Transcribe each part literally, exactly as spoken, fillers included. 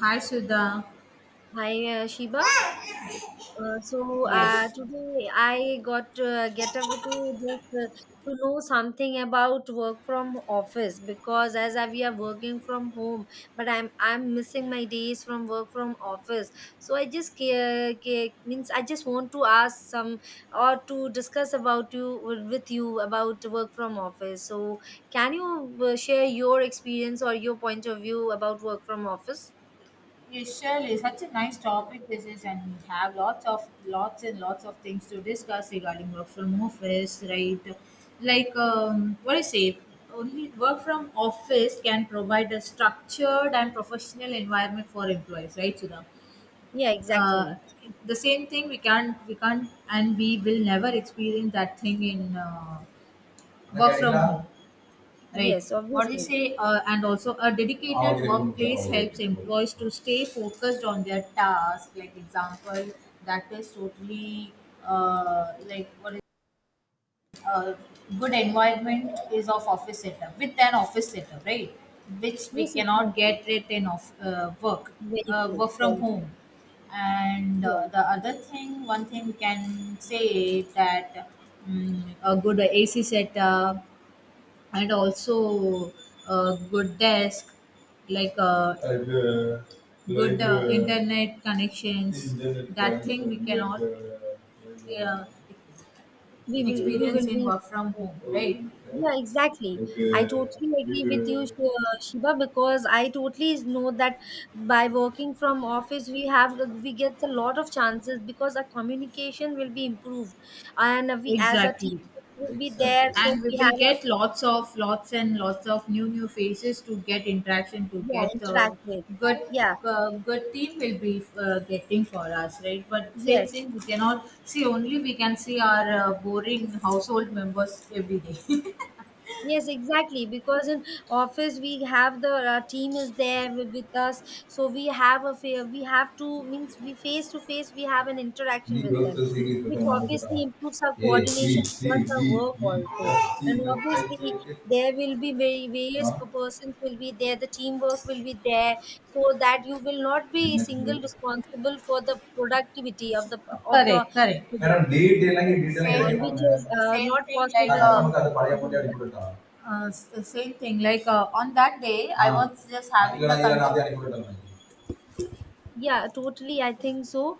Hi, Sudha. Hi, uh, Shiba. Uh, so uh, Yes, today I got uh, get up with you just uh, to know something about work from office because as I, we are working from home, but I'm I'm missing my days from work from office. So I just ca- ca- means I just want to ask some or to discuss about you with you about work from office. So can you uh, share your experience or your point of view about work from office? yes, surely. Such a nice topic this is, and we have lots of lots and lots of things to discuss regarding work from office, right? Like, um, what I say, only work from office can provide a structured and professional environment for employees, right, Sudha? Yeah, Uh, exactly. the same thing we can't, we can't, and we will never experience that thing in uh, work from home. Right. Yes, What we obviously. say, uh, and also a dedicated Audio input, workplace helps employees to stay focused on their task. Like example, that is totally uh, like what is uh, good environment is of office setup with an office setup, right? Which we Yes, cannot get exactly. it in of uh, work, Very uh, true. work from Very true. home. And Yeah. uh, the other thing, one thing we can say that mm, a good A C setup and also a good desk like uh, And uh, good like uh, uh, internet connections internet that thing we connection, can like uh, like, uh, uh, like, We uh, will, you experience will in be. work from home, right? Yeah, exactly. like, I uh, totally like, agree with you, Sh- uh, uh, Shiba, because I totally know that by working from office, we have uh, we get a lot of chances because our communication will be improved, and we as a Exactly. team will be there, Exactly. so And we we have will a get lots of lots and lots of new new faces to get interaction to yeah, get the interact with. good Yeah. uh, good team will be uh, getting for us, right? But same Yes. thing we cannot see, only we can see our uh, boring household members every day. Yes, exactly. Because in office we have the uh, team is there with, with us, so we have a fa- we have to means we face to face we have an interaction He with goes them, series with which the mama to obviously talk. improves our A, B, C, coordination towards D, our work E, also. F, And G, H, I, obviously J, K. there will be very various Huh? p- persons will be there. The teamwork will be there, so that you will not be And that's single it. responsible for the productivity of the of the Correct, correct. project, madam date எல்லாம் detail Same, on which கிடைக்கப்பாங்க. is uh, uh, Same not thing like நான் uh, possible in. கஸ்டமருக்கு அதை பழைய மூட்டி அனுப்பி விட்டேன். Uh, s- uh, same thing like uh, on that day I Ah. was just having இல்ல the நான் con- அதை அனுப்பி விட்டேன் Yeah, totally. I think so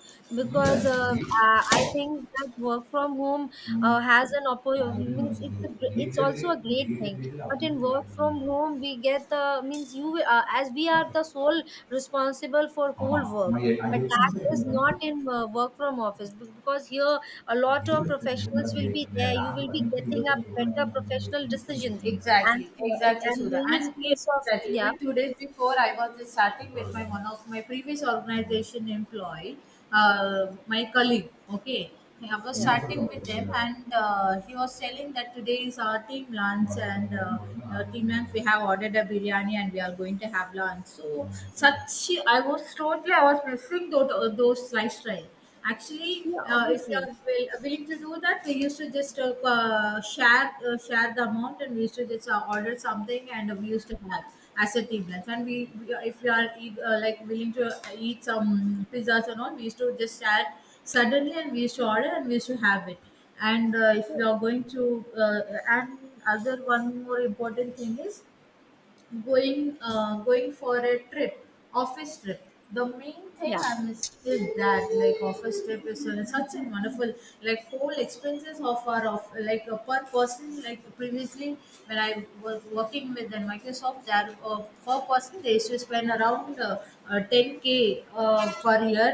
இல்ல because uh, uh, I think that work from home uh, has an oppo date means நான் it's இது a gr- it's detail also a date great thing. Detail But அப்படின்னு in work from கேட்குறேன். home, we get the means you uh, as we are the sole responsible for ஆமா whole work. நம்ம எ- அது But எப்படி that sir is madam. not in uh, work from office be- because here a lot of professionals will be there. You will be getting up better professional decisions and Exactly, uh, exactly, and Sudha. various And yeah, skills of exactly, yeah even two days before, I was just starting with my one of my previous organization employee, uh, my colleague. Okay, I was yeah starting with them, and uh, he was telling that today is our team lunch, and uh, uh, team lunch we have ordered a biryani, and we are going to have lunch. So such, I was totally, I was missing those those lifestyle. Actually, yeah uh, if you obviously are will, uh, willing to do that, we used to just uh, uh, share uh, share the amount, and we used to just uh, order something, and we used to have as a team lunch. And we, we if you are eat, uh, like willing to uh, eat some pizzas and all, we used to just share suddenly, and we used to order, and we used to have it. And uh, if yes. you are going to, uh, and other one more important thing is going uh, going for a trip, office trip. The main thing Yeah. I missed is that like office trip is so- such a wonderful, like whole expenses of our of like uh, per person. Like previously, when I was working with the Microsoft, that uh, per person they used to spend around uh, uh, ten k uh, per year,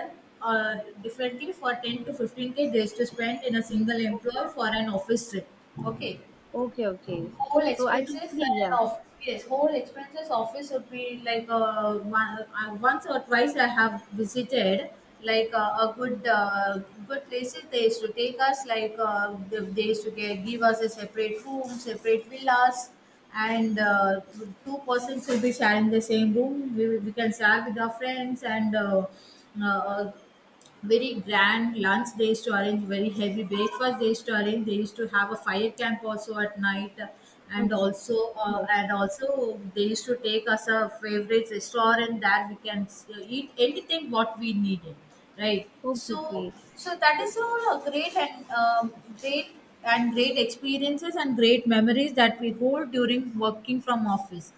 uh, differently for ten to fifteen k they used to spend in a single Okay, employer for an office trip, okay. okay, okay. Whole So I expenses totally, and yeah. off, yes, whole expenses office would be like uh, one, uh, once or twice I have visited like uh, a good uh, good places they used to take us. Like uh, they they used to get, give us a separate room, separate villas, and uh, two persons will be sharing the same room. We, we can share with our friends, and uh, uh, very grand lunch they used to arrange, very heavy breakfast they used to arrange, they used to have a fire camp also at night, and Okay, also uh, yes. and also they used to take us a favorite restaurant that we can s- eat anything what we needed, right? Okay, So okay. so that is all a great and um, great and great experiences and great memories that we hold during working from office.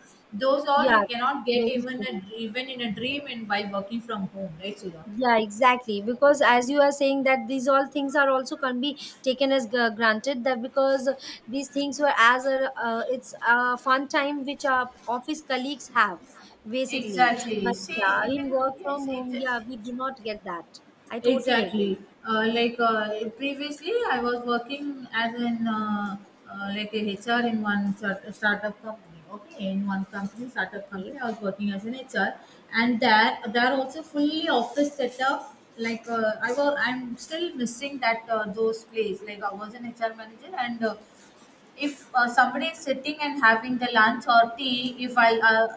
Those all we Yeah, cannot get very even a, true. even in a dream and by working from home, right, Sudha? Yeah, exactly. Because as you are saying that these all things are also can be taken as gra- granted that because these things were as a uh, it's a fun time which our office colleagues have basically. Exactly. But See, yeah, even in work from yes, home, exa- yeah, we do not get that. I totally exactly. agree. Uh, like uh, previously, I was working as an uh, uh, like a H R in one start- startup company. Okay, in one company, startup Okay. company, I was working as an H R, and that there also fully office setup. Like uh, I was, I'm still missing that uh, those plays. Like I was an H R manager and. Uh, if uh, somebody is sitting and having the lunch or tea, if I'll uh,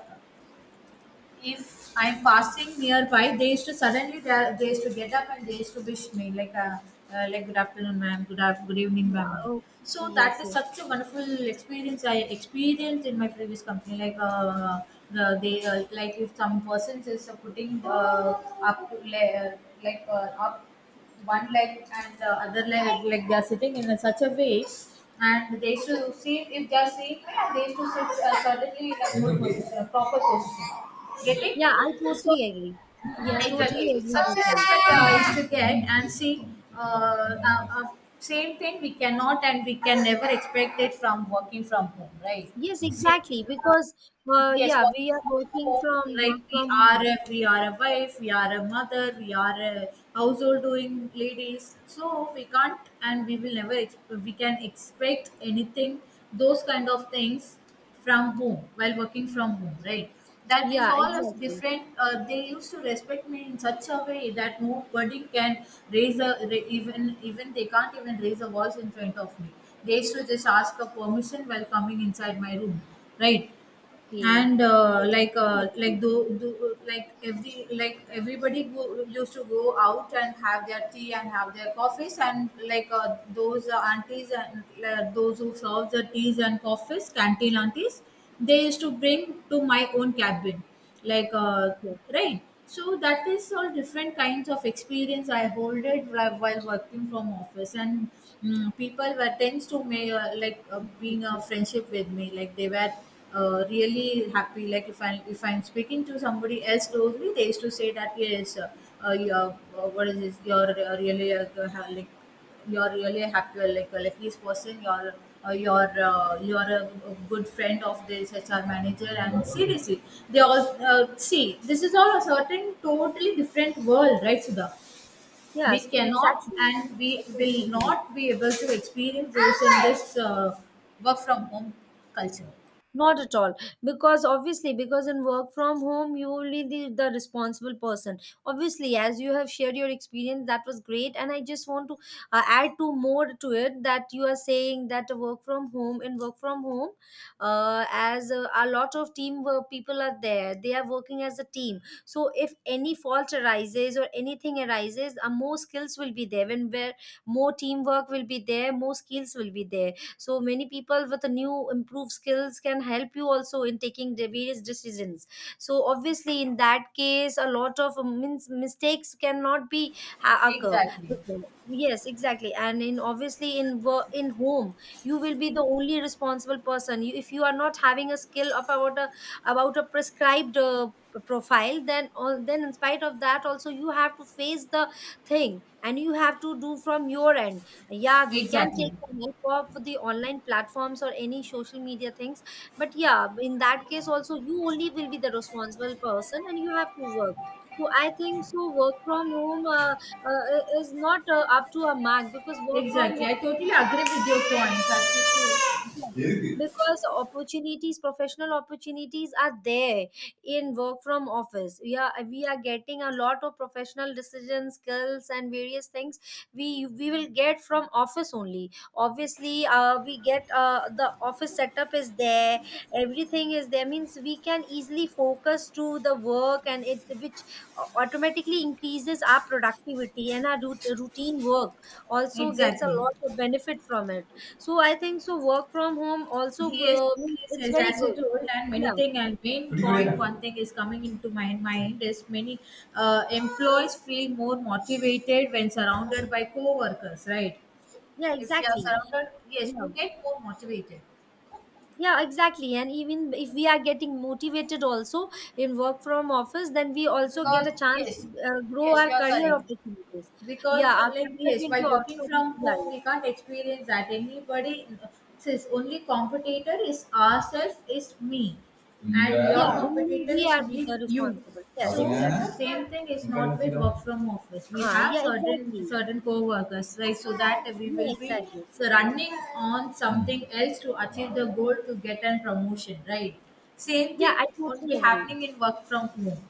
if I'm passing nearby, they used to suddenly they, they used to get up and they used to wish me like a uh, like good afternoon, ma'am. Good af- good evening, Yeah. ma'am. No. Oh, So yes. that is Yes. such a wonderful experience I experienced in my previous company. Like uh, the they uh, like if some person is uh, putting uh, up le- uh, like uh, up one leg and the other leg, like they are sitting in a such a way, and they used to see if they are seeing and they used to sit uh, suddenly in a good position, a proper position. Get it? Yeah, I So totally agree. Yeah, totally exactly. agree Such with is that. what uh, is to get and see uh, uh, uh, same thing we cannot and we can never expect it from working from home, right? Yes, See, exactly. Because uh, yes, yeah, what we we are somehow, working from work like we from are home. a, we are a wife, we are a mother, we are a household doing ladies. So we can't and we will never ex- we can expect anything those kind of things from home while working from home, right? That is Yeah, all as exactly. different. Uh, they used to respect me in such a way that nobody can raise a ra- even even they can't even raise a voice in front of me. They used to just ask for permission while coming inside my room, right? Okay. And uh, like So, uh, like do, do like every like everybody go, used to go out and have their tea and have their coffees and like uh, those uh, aunties and uh, those who serve the teas and coffees, canteen aunties, they used to bring to my own cabin like uh, yeah, right, so that is all different kinds of experience I hold it while while working from office. And mm, people were tends to may uh, like uh, yeah, being a okay. friendship with me. Like they were uh, really happy, like if I if I'm speaking to somebody else closely, they used to say that yes, uh, uh, your uh, what is this you're uh, really uh, ha- like you're really a happy like a luckiest person, you're uh, you're uh, you're a, a good friend of this HR manager, and seriously they all uh, see this is all a certain totally different world, right, Sudha? We Yes, to- cannot exactly. and we I will totally agree. not be able to experience this in this uh, work from home culture. Not at all, because obviously, because in work from home, you will be the, the responsible person. Obviously, as you have shared your experience, that was great, and I just want to uh, add two more to it that you are saying that the work from home in work from home, uh, as a, a lot of team work people are there, they are working as a team. So if any fault arises or anything arises, uh, more skills will be there. When where more teamwork will be there, more skills will be there, so many people with new improved skills can help you also in taking the various decisions, so obviously in that case a lot of um, means mistakes cannot be ha- occur. Exactly, Yes, exactly, and in obviously in work in home you will be the only responsible person you, if you are not having a skill of about a about a prescribed uh, p- profile, then all then in spite of that also you have to face the thing and you have to do from your end. Yeah, we can exactly. take the help of the online platforms or any social media things, but yeah in that case also you only will be the responsible person and you have to work. So I think so work from home uh, uh, is not uh, up to a mark because work from Exactly, I totally agree with your point. That's it. yeah. Because opportunities, professional opportunities are there in work from office. We are we are getting a lot of professional decision skills and various things we we will get from office only. Obviously, uh, we get uh, the office setup is there, everything is there. Means we can easily focus to the work and it which automatically increases our productivity and our rut- routine work also gets a Exactly. lot of benefit from it. So I think so work from home also He is, uh, he it's is very as you good. told, and many Yeah. thing and main point. One thing is coming into my mind is many uh, employees feel more motivated when surrounded by co-workers, right? Yeah, If you are exactly. surrounded, yes, you Yeah. get more motivated Yeah, exactly. And even if we are getting motivated also in work from office, then we also get because a chance to yes, uh, grow yes, you our are career correct. opportunities. Yeah, Because uh, our like career yes, will be while working also be from yeah, home yeah. we can't experience that. Anybody says only competitor is ourselves, is me, and your, Yeah, yeah, only competitor we is are with only the you. responsible. Yes, So exactly. Avana, same thing is not with work from office. We Uh, have yeah, certain exactly. certain co-workers, right? So that we Yeah, will be exactly. running on something else to achieve the goal, to get a promotion, right? Same Yeah, thing I would totally be agree. happening in work from home.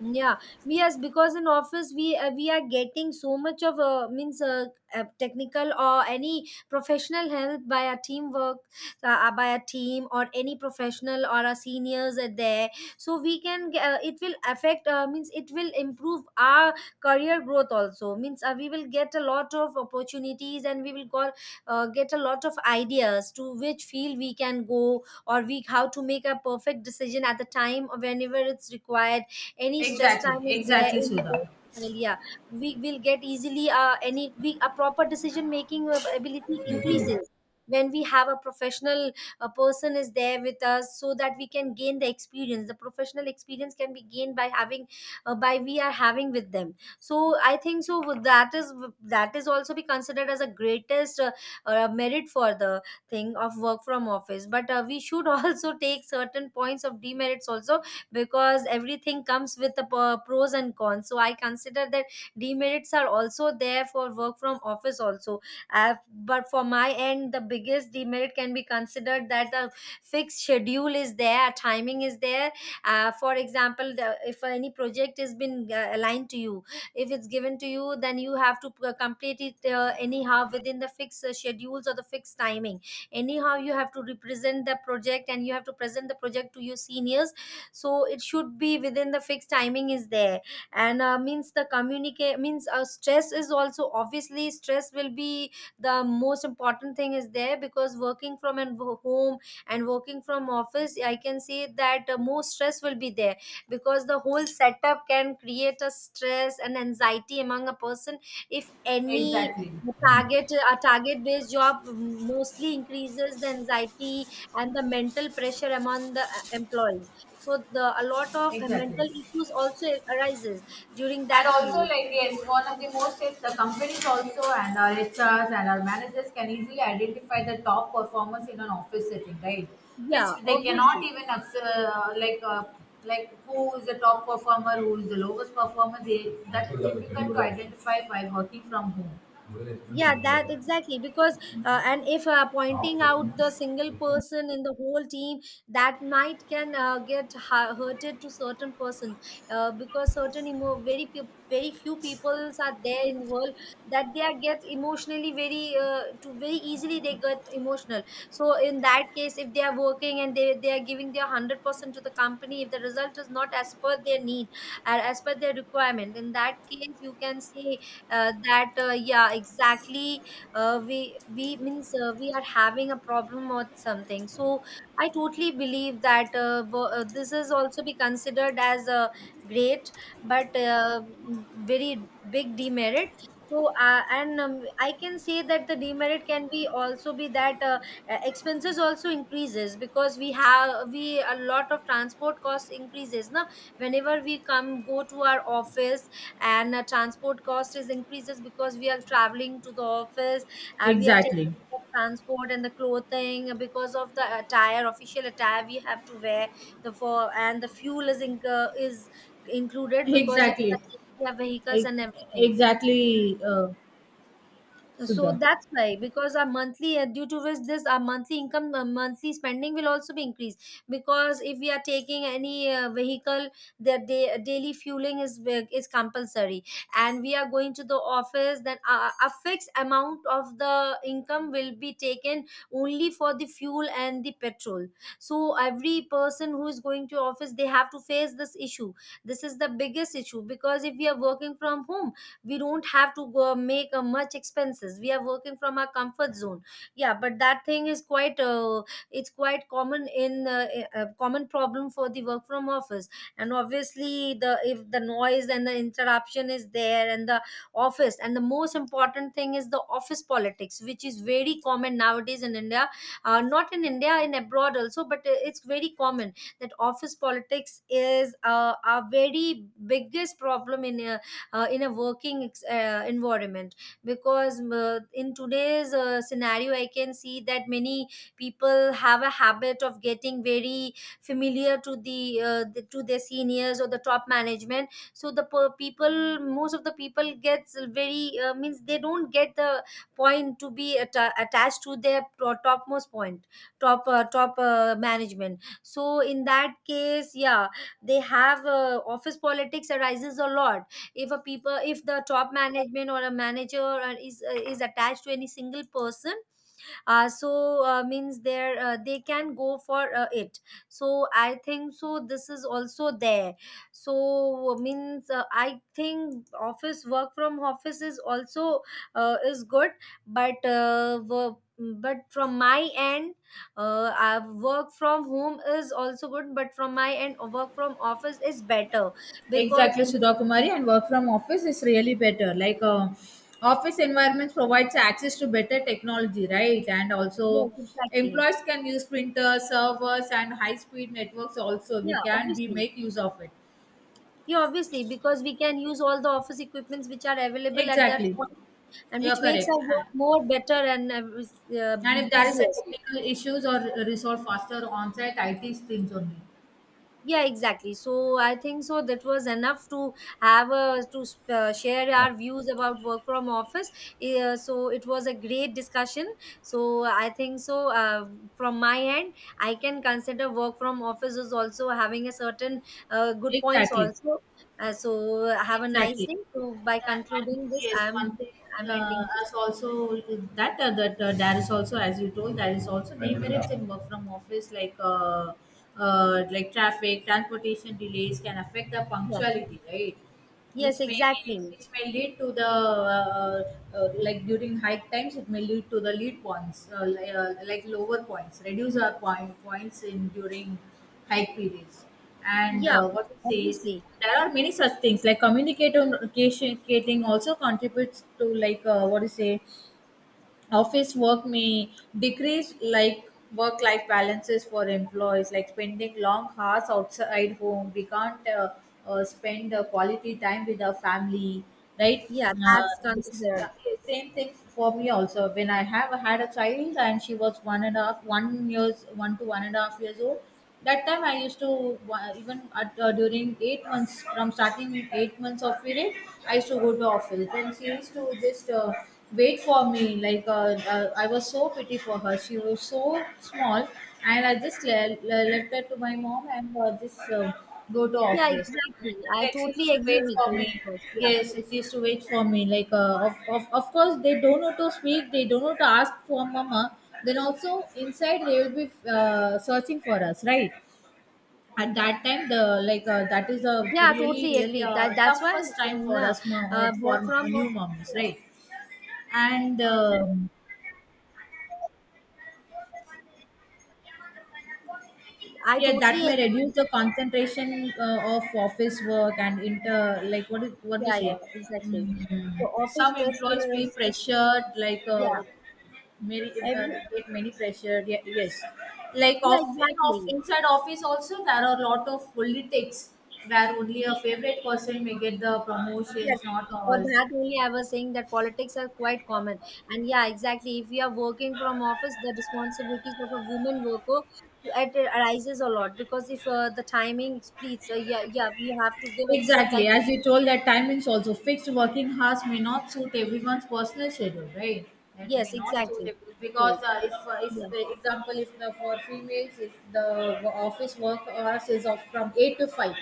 Yeah, yes, because in office we uh, we are getting so much of uh, means uh, uh, technical or any professional help by a teamwork, uh, uh, by a team or any professional or a seniors are there. So we can g- uh, it will affect uh, means it will improve our career growth also means uh, we will get a lot of opportunities and we will go, uh, get a lot of ideas to which field we can go or we how to make a perfect decision at the time or whenever it's required any stress Exactly, time is there exactly, in the day. Sudha. Well, yeah, we will get easily uh, any we a proper decision making ability increases when we have a professional a person is there with us so that we can gain the experience, the professional experience can be gained by having uh, by we are having with them. So I think so that is that is also be considered as a greatest uh, uh, merit for the thing of work from office, but uh, we should also take certain points of demerits also because everything comes with the p- pros and cons. So I consider that demerits are also there for work from office also, uh, but for my end the biggest demerit can be considered that the fixed schedule is there, timing is there. Uh, for example the, if any project has been uh, aligned to you, if it's given to you, then you have to uh, complete it uh, anyhow within the fixed uh, schedules or the fixed timing. Anyhow you have to represent the project and you have to present the project to your seniors, so it should be within the fixed timing is there. And uh, means the communicate means uh, stress is also obviously stress will be the most important thing is there, because working from an home and working from office I can say that uh, more stress will be there because the whole setup can create a stress and anxiety among a person. If any Exactly. Hmm. target, a target based job mostly increases the anxiety and the mental pressure among the uh, employees, so the a lot of Exactly. mental issues also arises during And that also, period. like, yes, one of the most is the companies also and our H Rs and our managers can easily identify the top performers in an office setting, right? Which Yeah, they cannot obviously. even, obs- uh, like, uh, like who is the top performer, who is the lowest performer, they, that is difficult to identify while working from home. Yeah, that exactly because uh, and if uh, Top pointing out the performance. single person in the whole team, that might can uh, get hu- hurted to certain persons, uh, because certain emo- very pe- very few people are there in the world that they are get emotionally very uh, to very easily they get emotional. So in that case, if they are working and they they are giving their hundred percent to the company, if the result is not as per their need, uh, as per their requirement, in that case you can say uh, that uh, yeah exactly uh, we we means uh, we are having a problem or something. So I totally believe that uh, wo- uh, this is also be considered as a great but uh, very big demerit. So uh, and um, I can say that the demerit can be also be that uh, uh, expenses also increases because we have we a lot of transport cost increases now whenever we come go to our office. And uh, transport cost is increases because we are traveling to the office and we are taking Exactly. the transport, and the clothing because of the attire, official attire we have to wear, the for and the fuel is in, uh, is included because if we Exactly. are taking our vehicles E- and everything. Exactly, uh, So Sudha. that's why, because our monthly, uh, due to which this our monthly income, uh, monthly spending will also be increased. Because if we are taking any uh, vehicle, the day, daily fueling is ve- is compulsory, and we are going to the office, then a, a fixed amount of the income will be taken only for the fuel and the petrol. So every person who is going to office, they have to face this issue. This is the biggest issue because if we are working from home we don't have to go make uh, much expenses. We are working from our comfort zone, yeah, but that thing is quite uh, it's quite common in uh, a a common problem for the work from office. And obviously the if the noise and the interruption is there and the office, and the most important thing is the office politics, which is very common nowadays in India. Uh, not in India, in abroad also, but uh, it's very common that office politics is uh, a very biggest problem in uh, uh, in a working ex- uh, environment. Because uh, in today's uh, scenario I can see that many people have a habit of getting very familiar to the, uh, the to their seniors or the top management. So the per- people, most of the people gets very uh, means they don't get the point to be atta attached to their pro- topmost point, top uh, top uh, management. So in that case, yeah, they have uh, office politics arises a lot. If a people, if the top management or a manager uh, is uh, is attached to any single person, uh, so uh, means there uh, they can go for uh, it. So I think so this is also there. So means uh, I think office, work from office is also uh, is good, but uh, wo- but from my end, uh, uh, work from home is also good, but from my end work from office is better because Exactly, Sudha Kumari, and work from office is really better. Like, uh, office environments provides access to better technology, right? And yes, also, exactly. employees can use printers, servers, and high-speed networks. Also, we Yeah, can we obviously. make use of it. Yeah, obviously, because we can use all the office equipments which are available at that Exactly, point, and you're which makes correct. our And work more better and uh, is- uh, and if there is a easier. technical issues or resolve faster on-site I T teams only. Yeah, exactly. So I think so that was enough to have a, to uh, share Yeah. our views about work from office. Uh, so it was a great discussion. So I think so uh, from my end I can consider work from office is also having a certain uh, good points Exactly. also. Uh, so have a nice Exactly. day. So by And concluding this, yes, i'm one thing, i'm uh, ending this. as also that uh, that uh, there is also as you told there is also demerits in work from office like uh, uh, like traffic transportation delays can affect the Yeah, punctuality, right? yes Which may exactly. which may lead to the uh, uh, like during high times it may lead to the lead points uh, li- uh, like lower points reduce our point points in during hike periods. And Yeah, uh, what to say, obviously. there are many such things like communicating also contributes to like uh, what to say, office work may decrease like work life balances for employees. Like spending long hours outside home we can't uh, uh, spend uh, quality time with our family, right? Yeah, uh, that's it's- uh, considered. Same thing for me also when I have had a child, and she was one and a half one years, one to one and a half years old. That time I used to wa- even at, uh, during eight months from starting eight months of period, I used to go to office. Then she used to just uh, wait for me, like uh, uh, I was so pity for her. She was so small, and I just le- le- left her to my mom and uh, just uh, go to Yeah, office exactly. I like she totally used to agree wait with for you me. because yeah, Yes, she used to wait for me. Like, uh, of, of, of course, they don't know to speak, they don't know to ask for mama. Then also inside they will be uh, searching for us, right? At that time, the like uh, that is a yeah, really totally really agree. That uh, that's why toughest time for no, us, ma- uh, uh, for work from new office. mommies, Yes, right? And yeah. um I Yeah, that totally. may reduce the concentration uh, of office work and inter, like what is, what we Yeah, say, yeah exactly. The mm, office some employees feel pressure. pressured like uh, Yeah, many uh, every. get many pressure, yeah, yes, like Yeah, off in off exactly. inside office also there are a lot of politics where only a favorite person may get the Yeah. promotions, not For all. that only, I was saying that politics are quite common, and yeah, exactly. If we are working from office, the responsibilities of a woman worker, it arises a lot because if uh, the timing splits, uh, yeah, yeah, we have to give extra time. Exactly. As you told that timings also fixed working hours may not suit everyone's personal schedule, right? That Yes, may not suit exactly. every- So, because uh, if, uh, if yeah, the example if the for females if the office work hours is of from eight to five,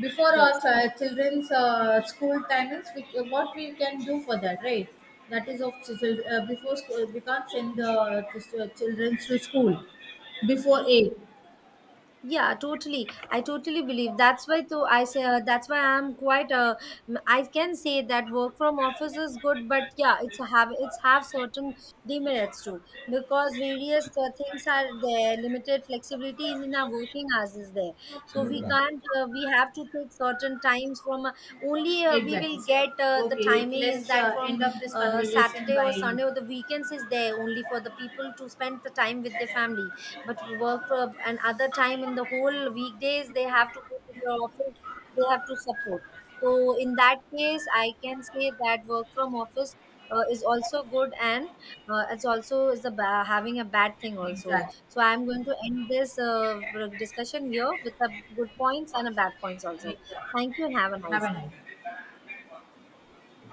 before our yes. ch- children's uh, school timings, we, what we can do for that, right? That is of chil- uh, before school, we can't send the uh, children to school before eight. Yeah, totally, I totally believe that's why though I say uh, that's why I'm quite uh, m- I can say that work from office is good, but yeah, it's a have, it's have certain demerits too, because various uh, things are there. Limited flexibility is in our working hours is there, so we can't uh, we have to take certain times from uh, only uh, we will Exactly. So, get uh, the okay, timing is let's that uh, from end up this uh, conversation Saturday by or Sunday or the weekends is there only for the people to spend the time with their family, but work for another time in the whole weekdays they have to go to the office, they have to support. So in that case I can say that work from office uh, is also good, and uh, it's also is a ba- having a bad thing also. exactly. So I'm going to end this uh, discussion here with the good points and a bad points also. Exactly. Thank you and have a Have nice a day. night.